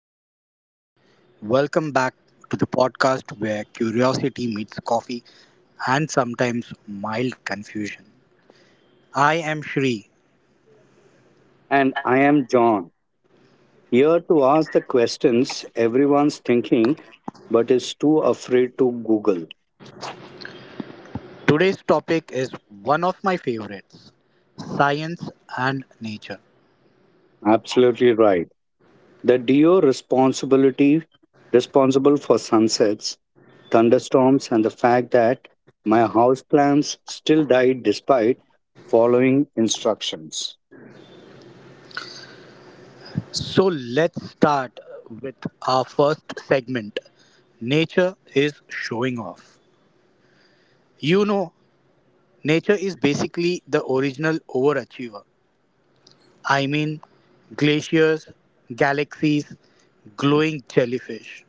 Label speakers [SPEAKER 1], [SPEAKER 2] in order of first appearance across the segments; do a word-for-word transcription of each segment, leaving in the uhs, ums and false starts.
[SPEAKER 1] hello. Welcome back to the podcast where curiosity meets coffee and sometimes mild confusion. I am Shri.
[SPEAKER 2] And I am John, here to ask the questions everyone's thinking but is too afraid to Google.
[SPEAKER 1] Today's topic is one of my favorites, science and nature.
[SPEAKER 2] Absolutely right. The DO responsibility responsible for sunsets, thunderstorms, and the fact that my house plants still died despite following instructions.
[SPEAKER 1] So let's start with our first segment, Nature is showing off. You know, Nature is basically the original overachiever. I mean, glaciers, galaxies, glowing jellyfish.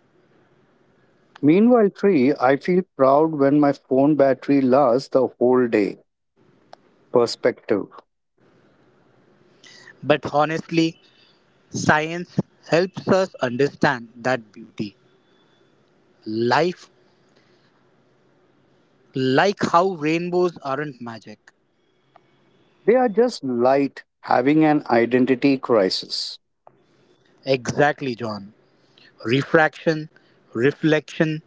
[SPEAKER 2] Meanwhile, three, I feel proud when my phone battery lasts the whole day. Perspective.
[SPEAKER 1] But honestly, science helps us understand that beauty. Life, like how rainbows aren't magic.
[SPEAKER 2] They are just light having an identity crisis.
[SPEAKER 1] Exactly, John. Refraction, reflection,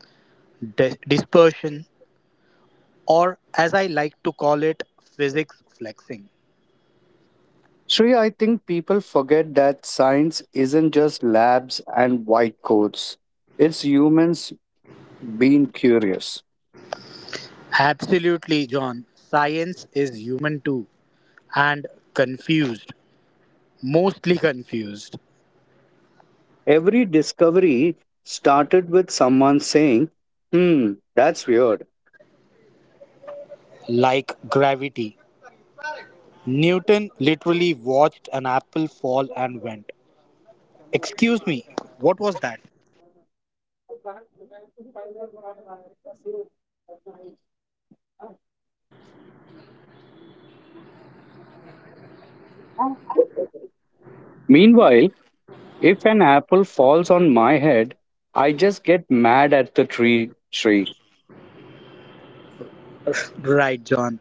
[SPEAKER 1] di- dispersion, or as I like to call it, physics flexing.
[SPEAKER 2] Shreya, I think people forget that science isn't just labs and white coats. It's humans being curious.
[SPEAKER 1] Absolutely, John. Science is human too, and confused, mostly confused.
[SPEAKER 2] Every discovery started with someone saying, hmm, that's weird.
[SPEAKER 1] Like gravity, Newton literally watched an apple fall and went, excuse me, what was that?
[SPEAKER 2] Meanwhile, if an apple falls on my head, I just get mad at the tree, tree.
[SPEAKER 1] Right, John.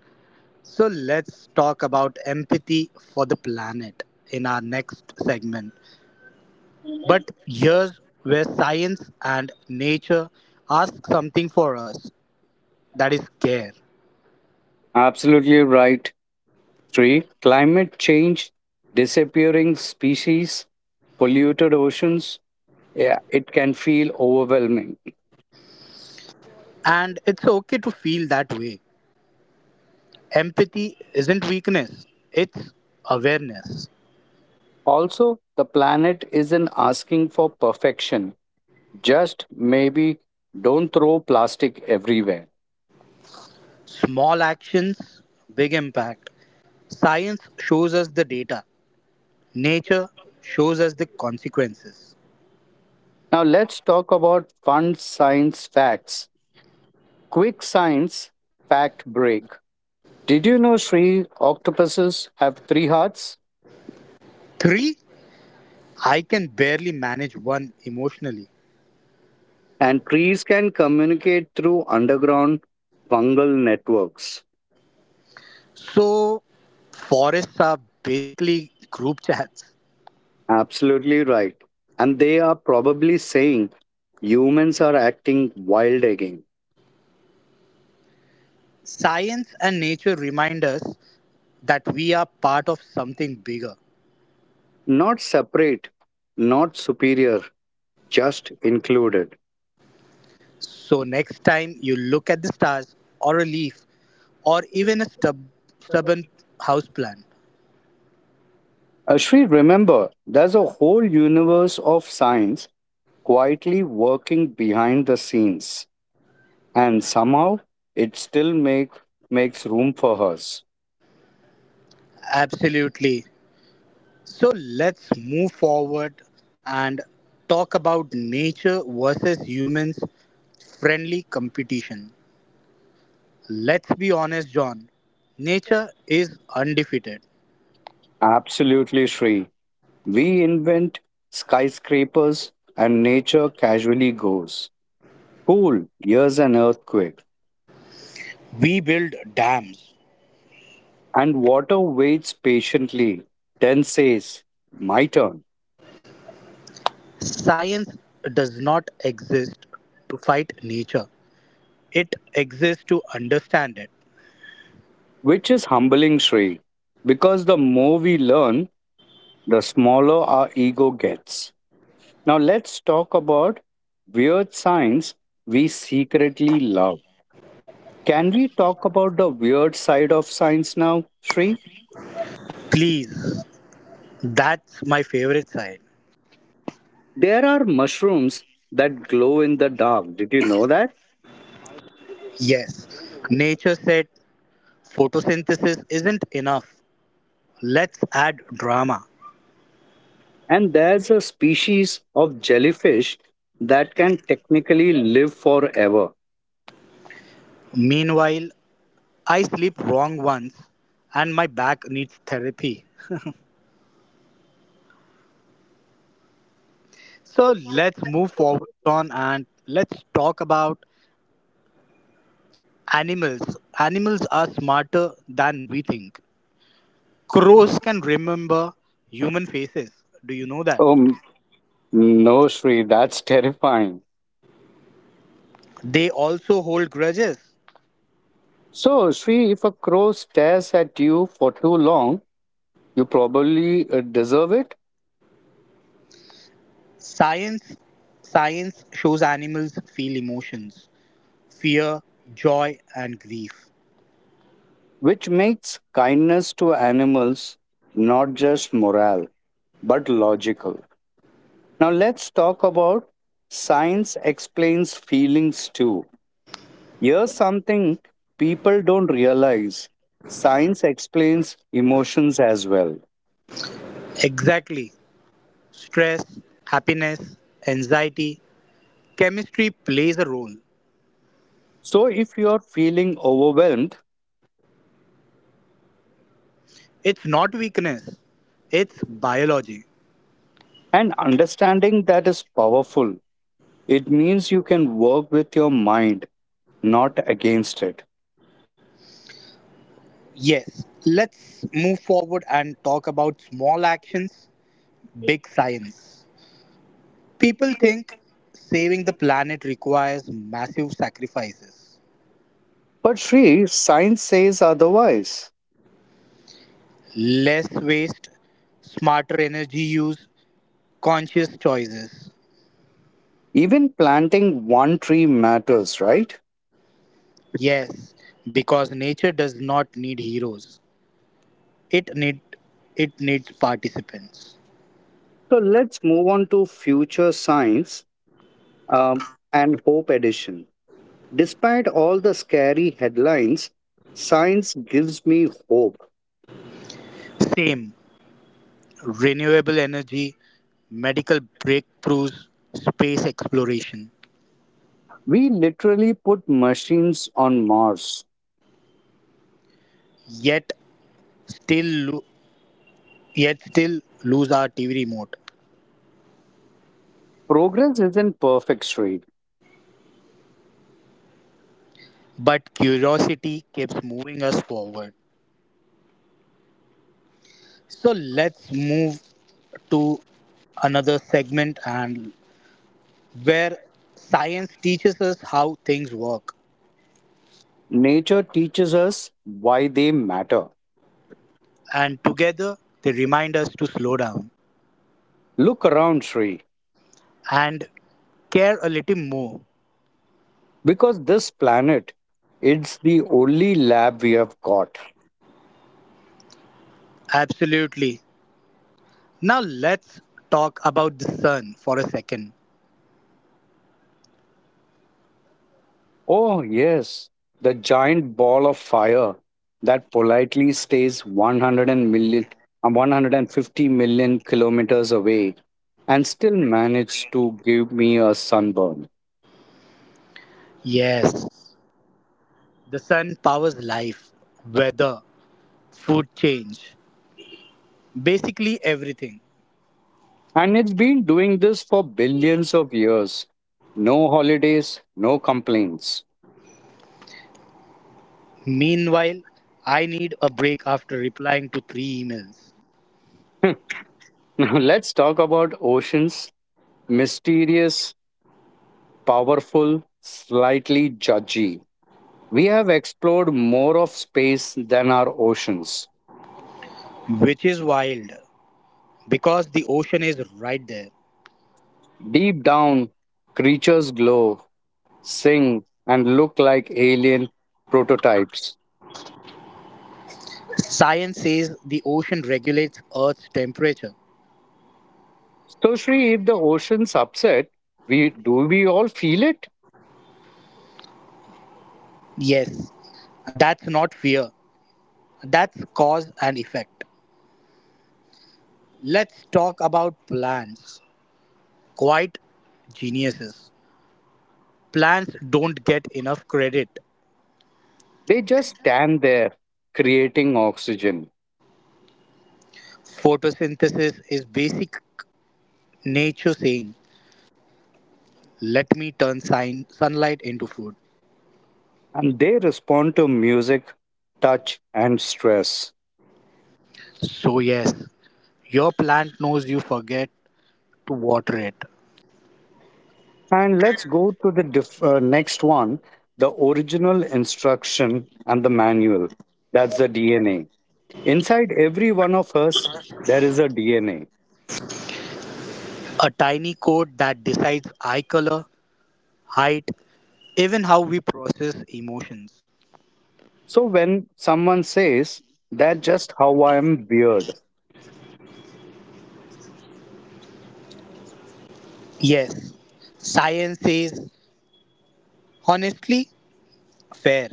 [SPEAKER 1] So let's talk about empathy for the planet in our next segment. But here's where science and nature ask something for us, that is care.
[SPEAKER 2] Absolutely right, tree. Climate change, disappearing species, polluted oceans, yeah, it can feel overwhelming.
[SPEAKER 1] And it's okay to feel that way. Empathy isn't weakness, it's awareness.
[SPEAKER 2] Also, the planet isn't asking for perfection. Just maybe don't throw plastic everywhere.
[SPEAKER 1] Small actions, big impact. Science shows us the data, nature shows us the consequences.
[SPEAKER 2] Now, let's talk about fun science facts. Quick science fact break. Did you know Sri octopuses have three hearts?
[SPEAKER 1] Three, I can barely manage one emotionally.
[SPEAKER 2] And trees can communicate through underground fungal networks.
[SPEAKER 1] So, forests are basically group chats.
[SPEAKER 2] Absolutely right. And they are probably saying humans are acting wild again.
[SPEAKER 1] Science and nature remind us that we are part of something bigger.
[SPEAKER 2] Not separate, not superior, just included.
[SPEAKER 1] So, next time you look at the stars or a leaf or even a stub- stubborn houseplant,
[SPEAKER 2] Ashri, remember, there's a whole universe of science quietly working behind the scenes, and somehow it still make, makes room for hers.
[SPEAKER 1] absolutely. So let's move forward and talk about nature versus humans, friendly competition. Let's be honest, John. Nature is undefeated.
[SPEAKER 2] Absolutely, Shri. We invent skyscrapers, and nature casually goes. Cool, here's an earthquake.
[SPEAKER 1] We build dams.
[SPEAKER 2] And water waits patiently, then says, my turn.
[SPEAKER 1] Science does not exist to fight nature, it exists to understand it.
[SPEAKER 2] Which is humbling, Shri, because the more we learn, the smaller our ego gets. Now, let's talk about weird science we secretly love. Can we talk about the weird side of science now, Shri?
[SPEAKER 1] Please, that's my favorite side.
[SPEAKER 2] There are mushrooms that glow in the dark. Did you know that?
[SPEAKER 1] Yes, nature said photosynthesis isn't enough. Let's add drama.
[SPEAKER 2] And there's a species of jellyfish that can technically live forever.
[SPEAKER 1] Meanwhile, I sleep wrong once and my back needs therapy. So let's move forward, John, and let's talk about animals. Animals are smarter than we think. Crows can remember human faces. Do you know that?
[SPEAKER 2] Oh, m- no, Shri, that's terrifying.
[SPEAKER 1] They also hold grudges.
[SPEAKER 2] So, Sri, if a crow stares at you for too long, you probably uh, deserve it,
[SPEAKER 1] Science science shows animals feel emotions, fear, joy and grief.
[SPEAKER 2] which makes kindness to animals not just moral but logical. Now, let's talk about science explains feelings too. Here's something people don't realize science explains emotions as well.
[SPEAKER 1] Exactly. Stress, happiness, anxiety, chemistry plays a role.
[SPEAKER 2] So, if you're feeling overwhelmed,
[SPEAKER 1] It's not weakness, it's biology.
[SPEAKER 2] and understanding that is powerful. It means you can work with your mind, not against it.
[SPEAKER 1] Yes, let's move forward and talk about small actions, big science. People think saving the planet requires massive sacrifices,
[SPEAKER 2] But Sri, science says otherwise.
[SPEAKER 1] less waste, smarter energy use, conscious choices.
[SPEAKER 2] Even planting one tree matters, right?
[SPEAKER 1] Yes, because nature does not need heroes. It need it needs participants.
[SPEAKER 2] So let's move on to future science um, and hope edition. Despite all the scary headlines, science gives me hope.
[SPEAKER 1] Same. Renewable energy, medical breakthroughs, space exploration.
[SPEAKER 2] We literally put machines on Mars.
[SPEAKER 1] Yet still lo- yet still lose our T V remote.
[SPEAKER 2] Progress isn't perfect, Sri.
[SPEAKER 1] But curiosity keeps moving us forward. So let's move to another segment, and where science teaches us how things work
[SPEAKER 2] Nature teaches us why they matter.
[SPEAKER 1] and together they remind us to slow down
[SPEAKER 2] Look around, Sri,
[SPEAKER 1] and care a little more.
[SPEAKER 2] because this planet, it's the only lab we have got.
[SPEAKER 1] Absolutely. Now let's talk about the sun for a second.
[SPEAKER 2] Oh, yes, the giant ball of fire that politely stays one hundred uh, one hundred fifty million kilometers away and still managed to give me a sunburn.
[SPEAKER 1] Yes, the sun powers life, weather, food change, basically everything.
[SPEAKER 2] And it's been doing this for billions of years. No holidays, no complaints.
[SPEAKER 1] Meanwhile, I need a break after replying to three emails,
[SPEAKER 2] Now let's talk about oceans, mysterious, powerful, slightly judgy. We have explored more of space than our oceans.
[SPEAKER 1] which is wild because the ocean is right there.
[SPEAKER 2] Deep down, creatures glow, sing, and look like alien prototypes.
[SPEAKER 1] Science says the ocean regulates Earth's temperature.
[SPEAKER 2] So, Shri, if the ocean's upset, we do we all feel it?
[SPEAKER 1] Yes, and that's not fear, that's cause and effect. Let's talk about plants. Quite geniuses. Plants don't get enough credit.
[SPEAKER 2] They just stand there, creating oxygen,
[SPEAKER 1] Photosynthesis is basic nature saying, let me turn sign- sunlight into food.
[SPEAKER 2] and they respond to music, touch, and stress.
[SPEAKER 1] So, yes, your plant knows you forget to water it.
[SPEAKER 2] And let's go to the diff- uh, next one, the original instruction and the manual. That's the D N A. Inside every one of us, there is a D N A.
[SPEAKER 1] A tiny code that decides eye color, height, even how we process emotions.
[SPEAKER 2] So when someone says, that's just how I am weird,
[SPEAKER 1] Yes, science says honestly, fair,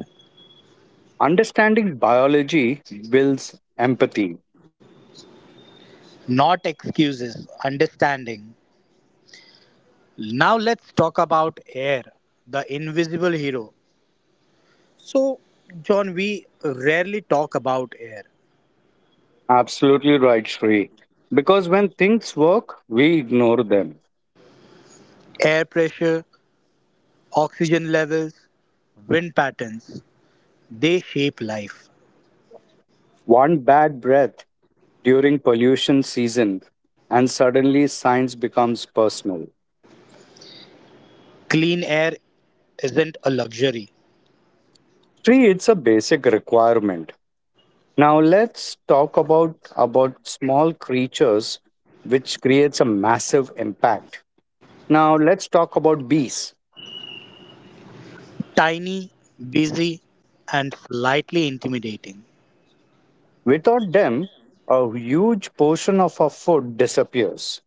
[SPEAKER 2] understanding biology builds empathy.
[SPEAKER 1] not excuses, understanding. Now let's talk about air, the invisible hero. So, John, we rarely talk about air.
[SPEAKER 2] Absolutely right, Shri. Because when things work, we ignore them.
[SPEAKER 1] Air pressure, oxygen levels, wind patterns, they shape life.
[SPEAKER 2] One bad breath during pollution season, and suddenly science becomes personal.
[SPEAKER 1] Clean air isn't a luxury.
[SPEAKER 2] Three, it's a basic requirement. Now let's talk about about small creatures which creates a massive impact. Now let's talk about bees.
[SPEAKER 1] Tiny, busy, and slightly intimidating.
[SPEAKER 2] Without them, a huge portion of our food disappears.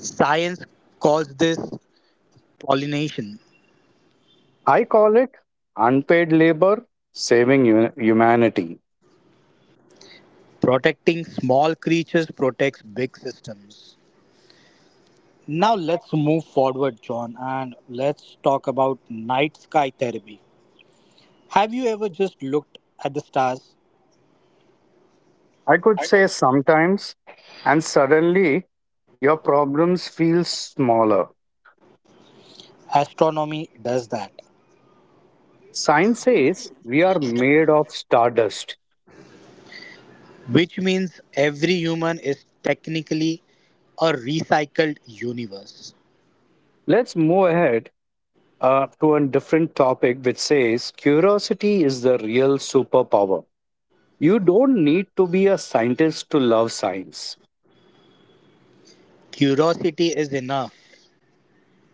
[SPEAKER 1] Science calls this pollination.
[SPEAKER 2] I call it unpaid labor saving hu- humanity.
[SPEAKER 1] Protecting small creatures protects big systems. Now let's move forward, John, and let's talk about night sky therapy. Have you ever just looked at the stars?
[SPEAKER 2] I could say sometimes and suddenly your problems feel smaller.
[SPEAKER 1] Astronomy does that,
[SPEAKER 2] Science says we are made of stardust.
[SPEAKER 1] which means every human is technically a recycled universe.
[SPEAKER 2] Let's move ahead uh, to a different topic which says curiosity is the real superpower. You don't need to be a scientist to love science.
[SPEAKER 1] Curiosity is enough.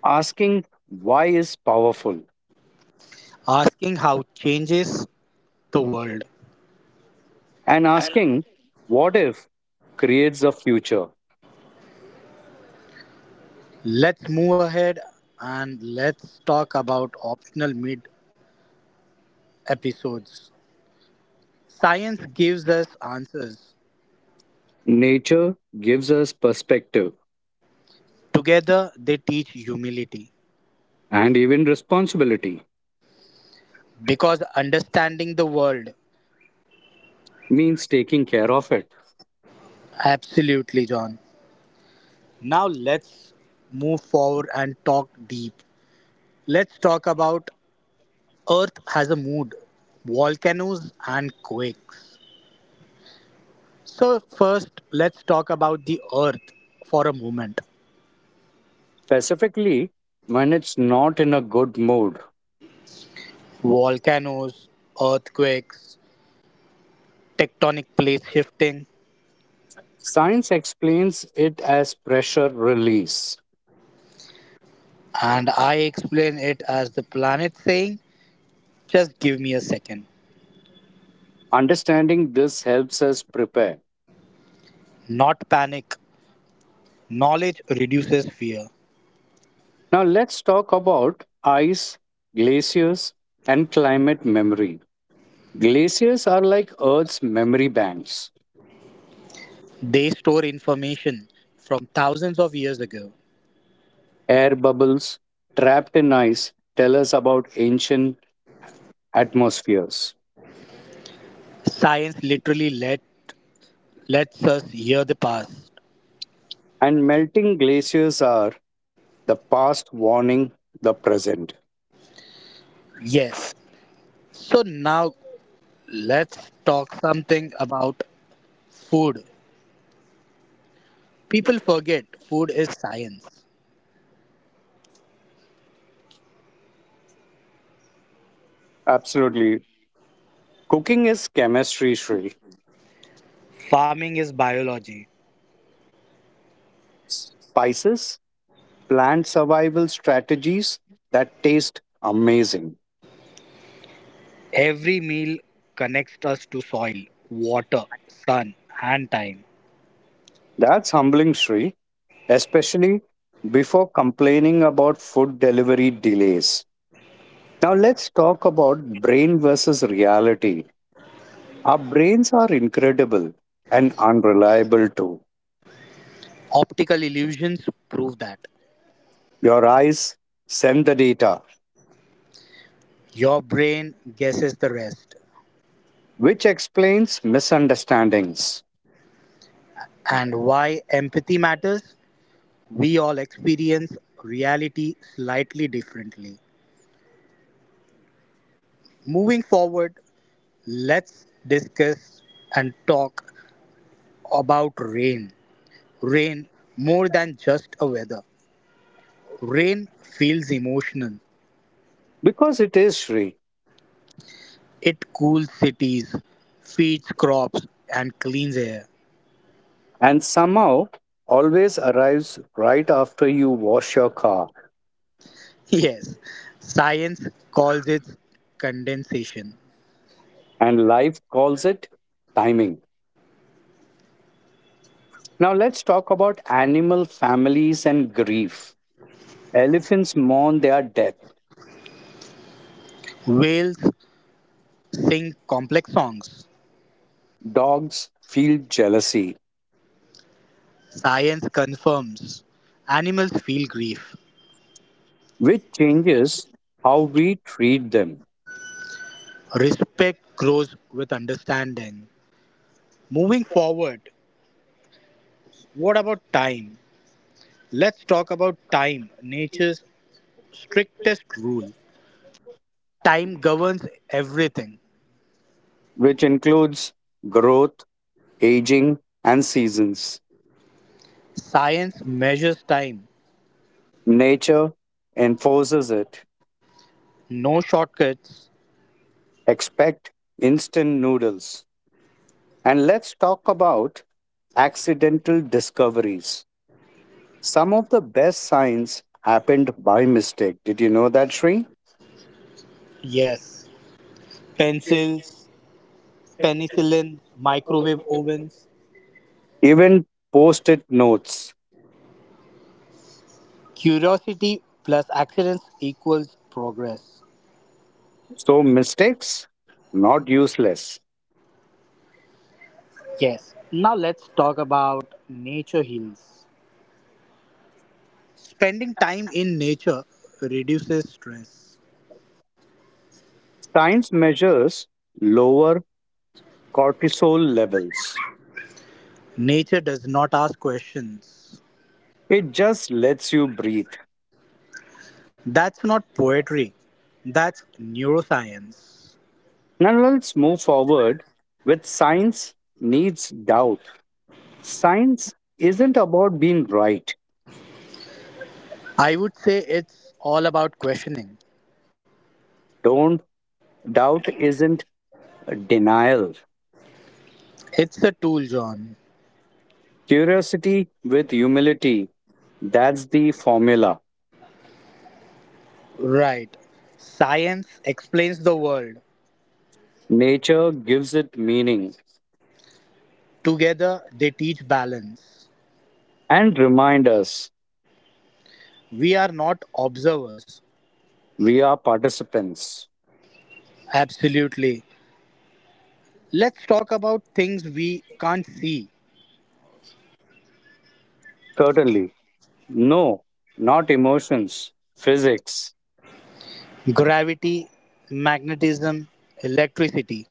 [SPEAKER 2] Asking why is powerful,
[SPEAKER 1] Asking how changes the world.
[SPEAKER 2] and asking what if creates a future.
[SPEAKER 1] Let's move ahead and let's talk about optional mid episodes. Science gives us answers,
[SPEAKER 2] Nature gives us perspective
[SPEAKER 1] together, they teach humility.
[SPEAKER 2] and even responsibility
[SPEAKER 1] Because understanding the world,
[SPEAKER 2] means taking care of it,
[SPEAKER 1] absolutely, John. Now, let's move forward and talk deep. Let's talk about Earth has a mood, volcanoes, and quakes. So, first, let's talk about the Earth for a moment.
[SPEAKER 2] specifically when it's not in a good mood.
[SPEAKER 1] Volcanoes, earthquakes, tectonic plate shifting,
[SPEAKER 2] Science explains it as pressure release.
[SPEAKER 1] and I explain it as the planet saying, just give me a second.
[SPEAKER 2] Understanding this helps us prepare.
[SPEAKER 1] Not panic, knowledge reduces fear.
[SPEAKER 2] Now, let's talk about ice, glaciers, and climate memory. Glaciers are like Earth's memory banks.
[SPEAKER 1] They store information from thousands of years ago.
[SPEAKER 2] Air bubbles trapped in ice tell us about ancient atmospheres.
[SPEAKER 1] Science literally let, lets us hear the past.
[SPEAKER 2] And melting glaciers are the past warning the present.
[SPEAKER 1] Yes. So now let's talk something about food. People forget food is science.
[SPEAKER 2] Absolutely. Cooking is chemistry, Shri.
[SPEAKER 1] Farming is biology.
[SPEAKER 2] Spices, plant survival strategies that taste amazing.
[SPEAKER 1] Every meal connects us to soil, water, sun, and time.
[SPEAKER 2] That's humbling, Sri, especially before complaining about food delivery delays. Now, let's talk about brain versus reality. Our brains are incredible and unreliable too.
[SPEAKER 1] Optical illusions prove that.
[SPEAKER 2] Your eyes send the data,
[SPEAKER 1] Your brain guesses the rest.
[SPEAKER 2] which explains misunderstandings.
[SPEAKER 1] And why empathy matters? We all experience reality slightly differently. Moving forward, let's discuss and talk about rain. Rain, more than just a weather, rain feels emotional.
[SPEAKER 2] Because it is Sri,
[SPEAKER 1] It cools cities, feeds crops, and cleans air.
[SPEAKER 2] and somehow always arrives right after you wash your car,
[SPEAKER 1] Yes, science calls it condensation.
[SPEAKER 2] and life calls it timing. Now let's talk about animal families and grief. Elephants mourn their death.
[SPEAKER 1] Whales sing complex songs.
[SPEAKER 2] Dogs feel jealousy,
[SPEAKER 1] Science confirms animals feel grief.
[SPEAKER 2] which changes how we treat them,
[SPEAKER 1] Respect grows with understanding. Moving forward, what about time? Let's talk about time, nature's strictest rule. Time governs everything.
[SPEAKER 2] which includes growth, aging, and seasons.
[SPEAKER 1] Science measures time.
[SPEAKER 2] Nature enforces it.
[SPEAKER 1] No shortcuts.
[SPEAKER 2] Expect instant noodles. And let's talk about accidental discoveries. Some of the best science happened by mistake. Did you know that, Sri?
[SPEAKER 1] Yes. Pencils, penicillin, microwave ovens.
[SPEAKER 2] Even post it notes.
[SPEAKER 1] Curiosity plus accidents equals progress.
[SPEAKER 2] So, mistakes, not useless.
[SPEAKER 1] Yes, now let's talk about nature heals. Spending time in nature reduces stress.
[SPEAKER 2] Science measures lower cortisol levels.
[SPEAKER 1] Nature does not ask questions.
[SPEAKER 2] It just lets you breathe.
[SPEAKER 1] That's not poetry, that's neuroscience.
[SPEAKER 2] Now, let's move forward with science needs doubt. Science isn't about being right.
[SPEAKER 1] I would say it's all about questioning.
[SPEAKER 2] Don't Doubt isn't denial.
[SPEAKER 1] It's a tool, John.
[SPEAKER 2] Curiosity with humility. That's the formula.
[SPEAKER 1] Right. Science explains the world.
[SPEAKER 2] Nature gives it meaning
[SPEAKER 1] Together, they teach balance.
[SPEAKER 2] and remind us
[SPEAKER 1] We are not observers.
[SPEAKER 2] we are participants.
[SPEAKER 1] Absolutely. Let's talk about things we can't see.
[SPEAKER 2] Certainly. No, not emotions, physics.
[SPEAKER 1] Gravity, magnetism, electricity.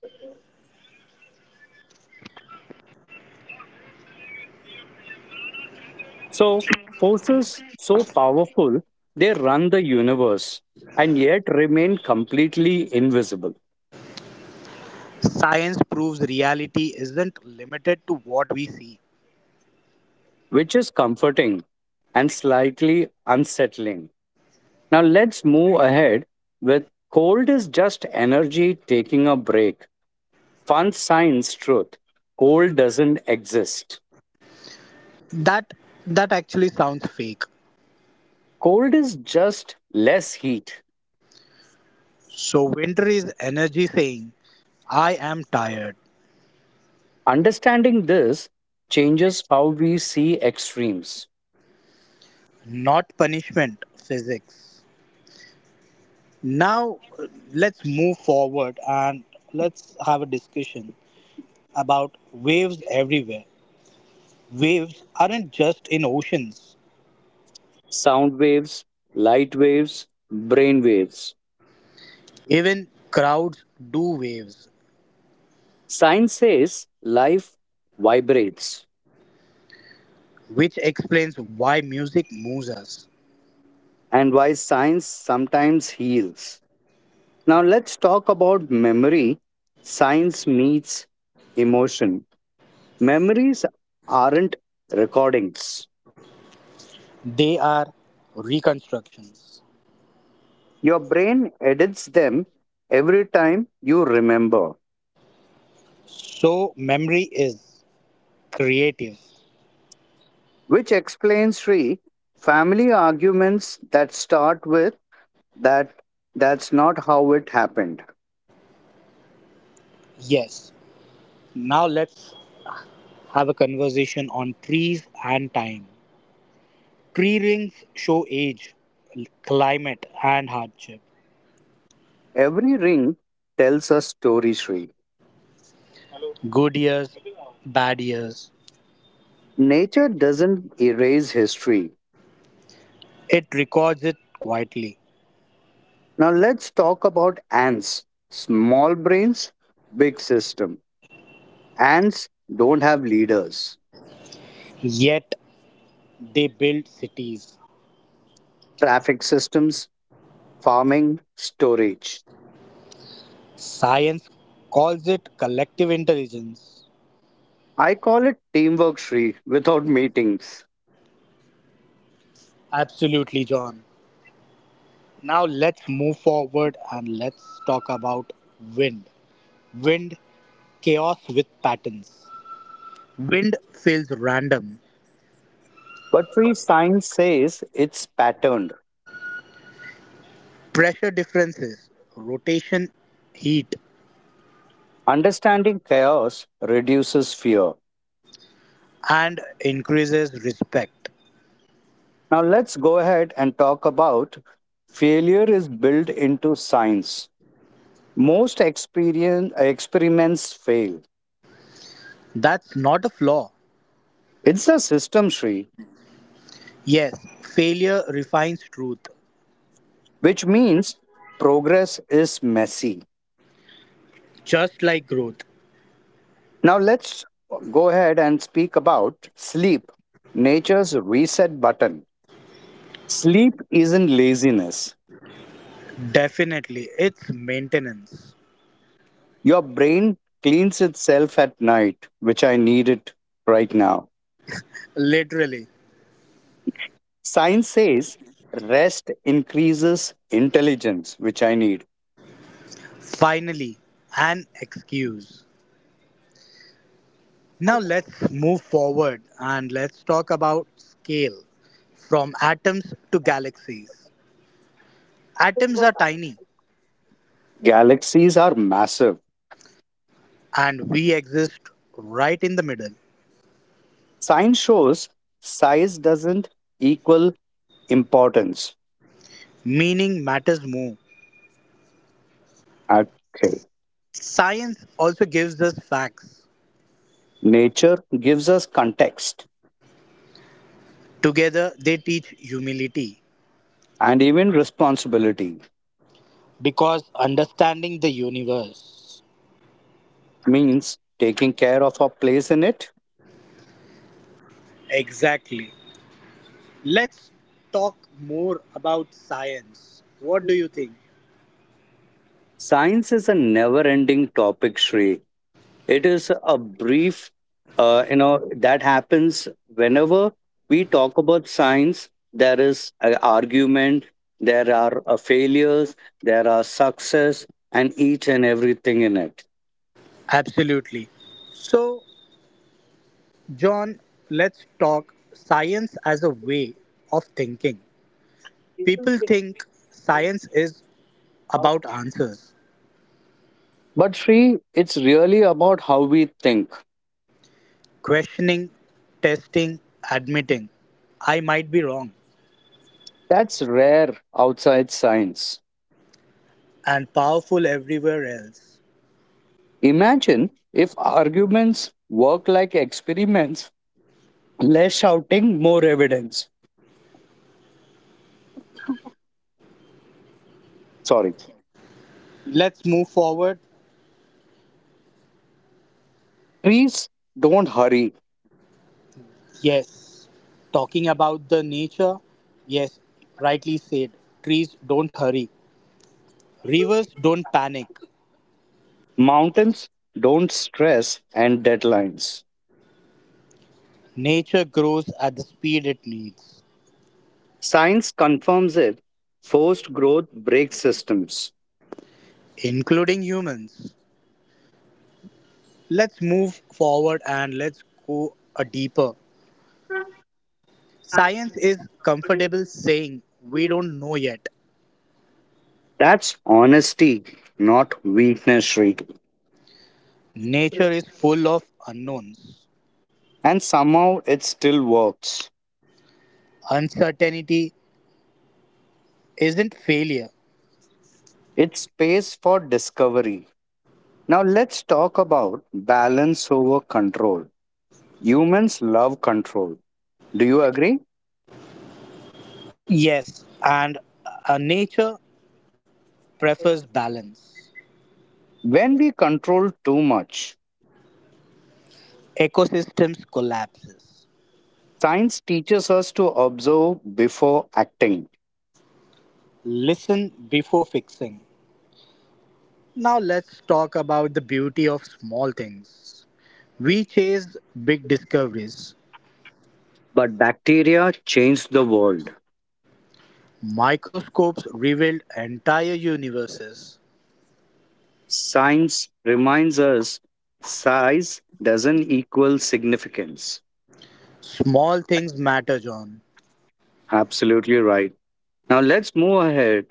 [SPEAKER 2] So, forces so powerful, they run the universe and yet remain completely invisible,
[SPEAKER 1] Science proves reality isn't limited to what we see.
[SPEAKER 2] which is comforting and slightly unsettling. Now, let's move ahead with cold is just energy taking a break. Fun science truth cold doesn't exist.
[SPEAKER 1] That that actually sounds fake.
[SPEAKER 2] Cold is just less heat.
[SPEAKER 1] So winter is energy saying, I am tired,
[SPEAKER 2] Understanding this changes how we see extremes.
[SPEAKER 1] not punishment, physics. Now uh, let's move forward and let's have a discussion about waves everywhere. Waves aren't just in oceans.
[SPEAKER 2] Sound waves, light waves, brain waves.
[SPEAKER 1] Even crowds do waves.
[SPEAKER 2] Science says life vibrates
[SPEAKER 1] Which explains why music moves us.
[SPEAKER 2] and why science sometimes heals. Now let's talk about memory. Science meets emotion. Memories aren't recordings,
[SPEAKER 1] They are reconstructions.
[SPEAKER 2] your brain edits them every time you remember.
[SPEAKER 1] So, memory is creative.
[SPEAKER 2] Which explains Sri family arguments that start with that, that's not how it happened.
[SPEAKER 1] Yes. Now, let's have a conversation on trees and time. Tree rings show age, climate, and hardship.
[SPEAKER 2] Every ring tells a story, Sri.
[SPEAKER 1] Good years, bad years.
[SPEAKER 2] Nature doesn't erase history.
[SPEAKER 1] It records it quietly.
[SPEAKER 2] Now let's talk about ants. Small brains, big system. Ants don't have leaders.
[SPEAKER 1] Yet, they build cities.
[SPEAKER 2] Traffic systems, farming, storage.
[SPEAKER 1] Science calls it collective intelligence.
[SPEAKER 2] I call it teamwork, Sri, without meetings.
[SPEAKER 1] Absolutely, John. Now let's move forward and let's talk about wind. Wind, chaos with patterns. Wind feels random.
[SPEAKER 2] But Sri, science says it's patterned.
[SPEAKER 1] Pressure differences, rotation, heat,
[SPEAKER 2] Understanding chaos reduces fear.
[SPEAKER 1] and increases respect.
[SPEAKER 2] Now, let's go ahead and talk about failure is built into science. Most experience, experiments fail.
[SPEAKER 1] That's not a flaw.
[SPEAKER 2] It's a system tree,
[SPEAKER 1] Yes, failure refines truth,
[SPEAKER 2] which means progress is messy.
[SPEAKER 1] just like growth.
[SPEAKER 2] Now, let's go ahead and speak about sleep, nature's reset button. Sleep isn't laziness.
[SPEAKER 1] Definitely, it's maintenance.
[SPEAKER 2] Your brain cleans itself at night, which I need it right now.
[SPEAKER 1] Literally,
[SPEAKER 2] Science says rest increases intelligence, which I need.
[SPEAKER 1] finally, an excuse. Now let's move forward and let's talk about scale from atoms to galaxies. Atoms are tiny
[SPEAKER 2] Galaxies are massive.
[SPEAKER 1] and we exist right in the middle,
[SPEAKER 2] Science shows size doesn't equal importance.
[SPEAKER 1] meaning matters more.
[SPEAKER 2] Okay.
[SPEAKER 1] Science also gives us facts.
[SPEAKER 2] Nature gives us context
[SPEAKER 1] Together they teach humility
[SPEAKER 2] and even responsibility,
[SPEAKER 1] because understanding the universe.
[SPEAKER 2] means taking care of our place in it.
[SPEAKER 1] Exactly. Let's talk more about science. What do you think?
[SPEAKER 2] Science is a never ending topic, Sri. It is a brief, uh, you know, that happens whenever we talk about science. There is an argument, there are uh, failures, there are success, and each and everything in it.
[SPEAKER 1] Absolutely. So, John, let's talk science as a way of thinking. People think science is about answers,
[SPEAKER 2] But Sri, it's really about how we think.
[SPEAKER 1] questioning, testing, admitting. I might be wrong,
[SPEAKER 2] That's rare outside science.
[SPEAKER 1] and powerful everywhere else.
[SPEAKER 2] Imagine if arguments work like experiments, less shouting, more evidence. Sorry.
[SPEAKER 1] Let's move forward.
[SPEAKER 2] Trees don't hurry.
[SPEAKER 1] Yes, talking about the nature. Yes, rightly said. Trees don't hurry, rivers don't panic.
[SPEAKER 2] Mountains don't stress and deadlines.
[SPEAKER 1] Nature grows at the speed it needs,
[SPEAKER 2] Science confirms it. Forced growth breaks systems.
[SPEAKER 1] including humans. Let's move forward and let's go a deeper. Science is comfortable saying we don't know yet.
[SPEAKER 2] That's honesty, not weakness, Shri.
[SPEAKER 1] Nature is full of unknowns.
[SPEAKER 2] And somehow it still works.
[SPEAKER 1] Uncertainty isn't failure.
[SPEAKER 2] It's space for discovery. Now let's talk about balance over control. Humans love control. Do you agree?
[SPEAKER 1] Yes, and uh, nature prefers balance.
[SPEAKER 2] When we control too much,
[SPEAKER 1] Ecosystems collapses.
[SPEAKER 2] science teaches us to observe before acting.
[SPEAKER 1] Listen before fixing. Now let's talk about the beauty of small things. We chase big discoveries.
[SPEAKER 2] But bacteria changed the world.
[SPEAKER 1] Microscopes revealed entire universes.
[SPEAKER 2] Science reminds us size doesn't equal significance.
[SPEAKER 1] Small things matter, John.
[SPEAKER 2] Absolutely right. Now let's move ahead.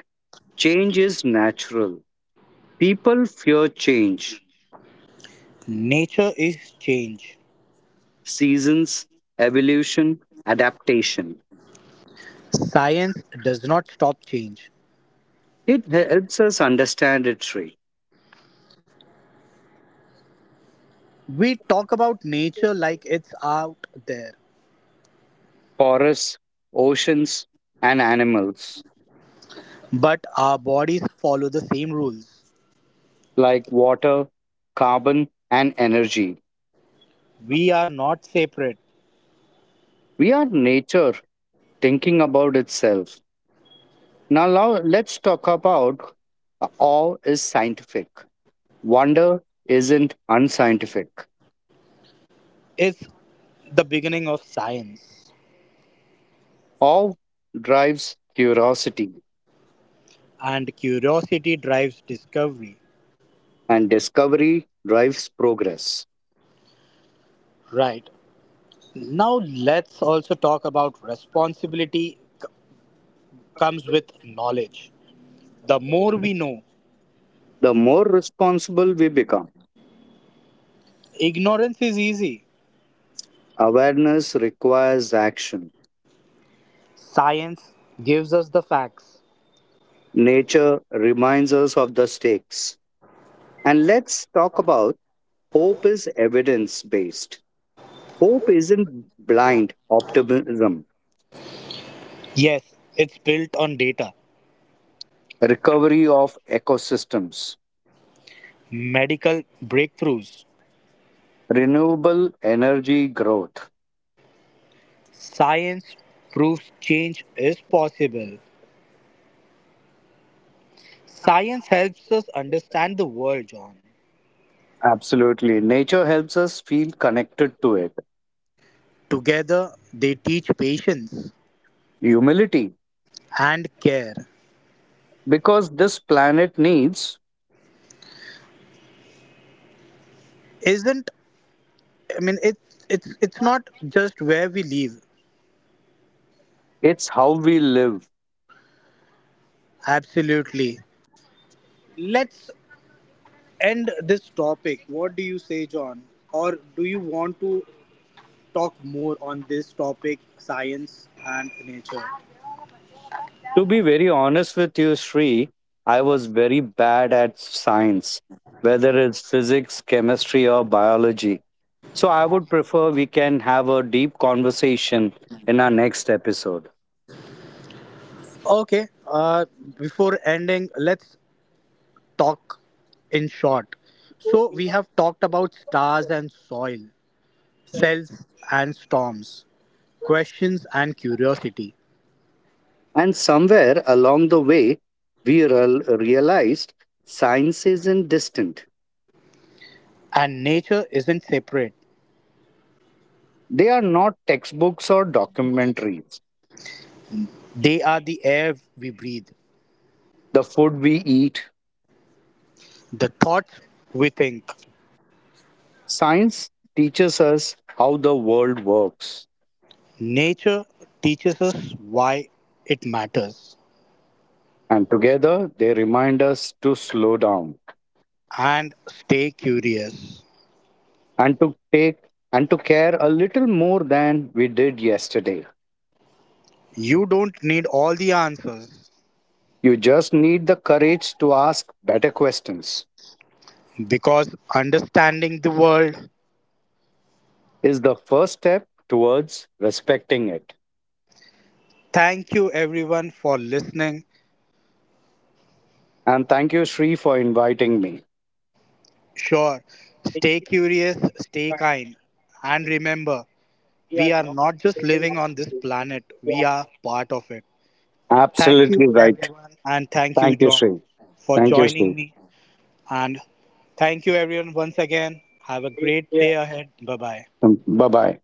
[SPEAKER 2] Change is natural. People fear change,
[SPEAKER 1] Nature is change.
[SPEAKER 2] seasons, evolution, adaptation.
[SPEAKER 1] Science does not stop change.
[SPEAKER 2] It helps us understand its tree,
[SPEAKER 1] We talk about nature like it's out there,
[SPEAKER 2] forests, oceans, and animals
[SPEAKER 1] but our bodies follow the same rules.
[SPEAKER 2] like water, carbon, and energy.
[SPEAKER 1] We are not separate.
[SPEAKER 2] We are nature thinking about itself. Now, now let's talk about uh, awe is scientific. Wonder isn't unscientific.
[SPEAKER 1] It's the beginning of science,
[SPEAKER 2] Awe drives curiosity,
[SPEAKER 1] and curiosity drives discovery.
[SPEAKER 2] and discovery drives progress.
[SPEAKER 1] Right. Now, let's also talk about responsibility c- comes with knowledge. The more we know,
[SPEAKER 2] The more responsible we become,
[SPEAKER 1] ignorance is easy.
[SPEAKER 2] awareness requires action.
[SPEAKER 1] Science gives us the facts.
[SPEAKER 2] Nature reminds us of the stakes. And let's talk about hope is evidence based. Hope isn't blind optimism,
[SPEAKER 1] Yes, it's built on data,
[SPEAKER 2] recovery of ecosystems,
[SPEAKER 1] medical breakthroughs.
[SPEAKER 2] renewable energy growth.
[SPEAKER 1] Science proves change is possible. Science helps us understand the world, John.
[SPEAKER 2] Absolutely. Nature helps us feel connected to it.
[SPEAKER 1] Together, they teach patience
[SPEAKER 2] Humility,
[SPEAKER 1] and care.
[SPEAKER 2] because this planet needs
[SPEAKER 1] Isn't I mean it's it's it's not just where we live.
[SPEAKER 2] it's how we live.
[SPEAKER 1] Absolutely. Let's end this topic. What do you say, John? Or do you want to talk more on this topic, science and nature?
[SPEAKER 2] To be very honest with you, Sri, I was very bad at science, whether it's physics, chemistry, or biology. So I would prefer we can have a deep conversation in our next episode.
[SPEAKER 1] Okay, uh, before ending, let's talk in short. So, we have talked about stars and soil, cells and storms, questions and curiosity.
[SPEAKER 2] And somewhere along the way, we real- realized science isn't distant.
[SPEAKER 1] And nature isn't separate,
[SPEAKER 2] They are not textbooks or documentaries.
[SPEAKER 1] they are the air we breathe,
[SPEAKER 2] The food we eat,
[SPEAKER 1] the thoughts we think.
[SPEAKER 2] science teaches us how the world works.
[SPEAKER 1] Nature teaches us why it matters.
[SPEAKER 2] And together, they remind us to slow down
[SPEAKER 1] And stay curious.
[SPEAKER 2] and to take and to care a little more than we did yesterday.
[SPEAKER 1] You don't need all the answers
[SPEAKER 2] You just need the courage to ask better questions,
[SPEAKER 1] because understanding the world.
[SPEAKER 2] is the first step towards respecting it.
[SPEAKER 1] Thank you everyone for listening.
[SPEAKER 2] And thank you, Sri, for inviting me.
[SPEAKER 1] Sure, stay curious, stay kind, and remember, we are not just living on this planet, we are part of it. Thank you
[SPEAKER 2] Absolutely right.
[SPEAKER 1] everyone, and thank you,
[SPEAKER 2] Thank you,
[SPEAKER 1] John,
[SPEAKER 2] Sri.
[SPEAKER 1] for
[SPEAKER 2] Thank you,
[SPEAKER 1] joining
[SPEAKER 2] Sri.
[SPEAKER 1] me. And thank you everyone once again. Have a great day ahead. Bye bye.
[SPEAKER 2] Bye bye.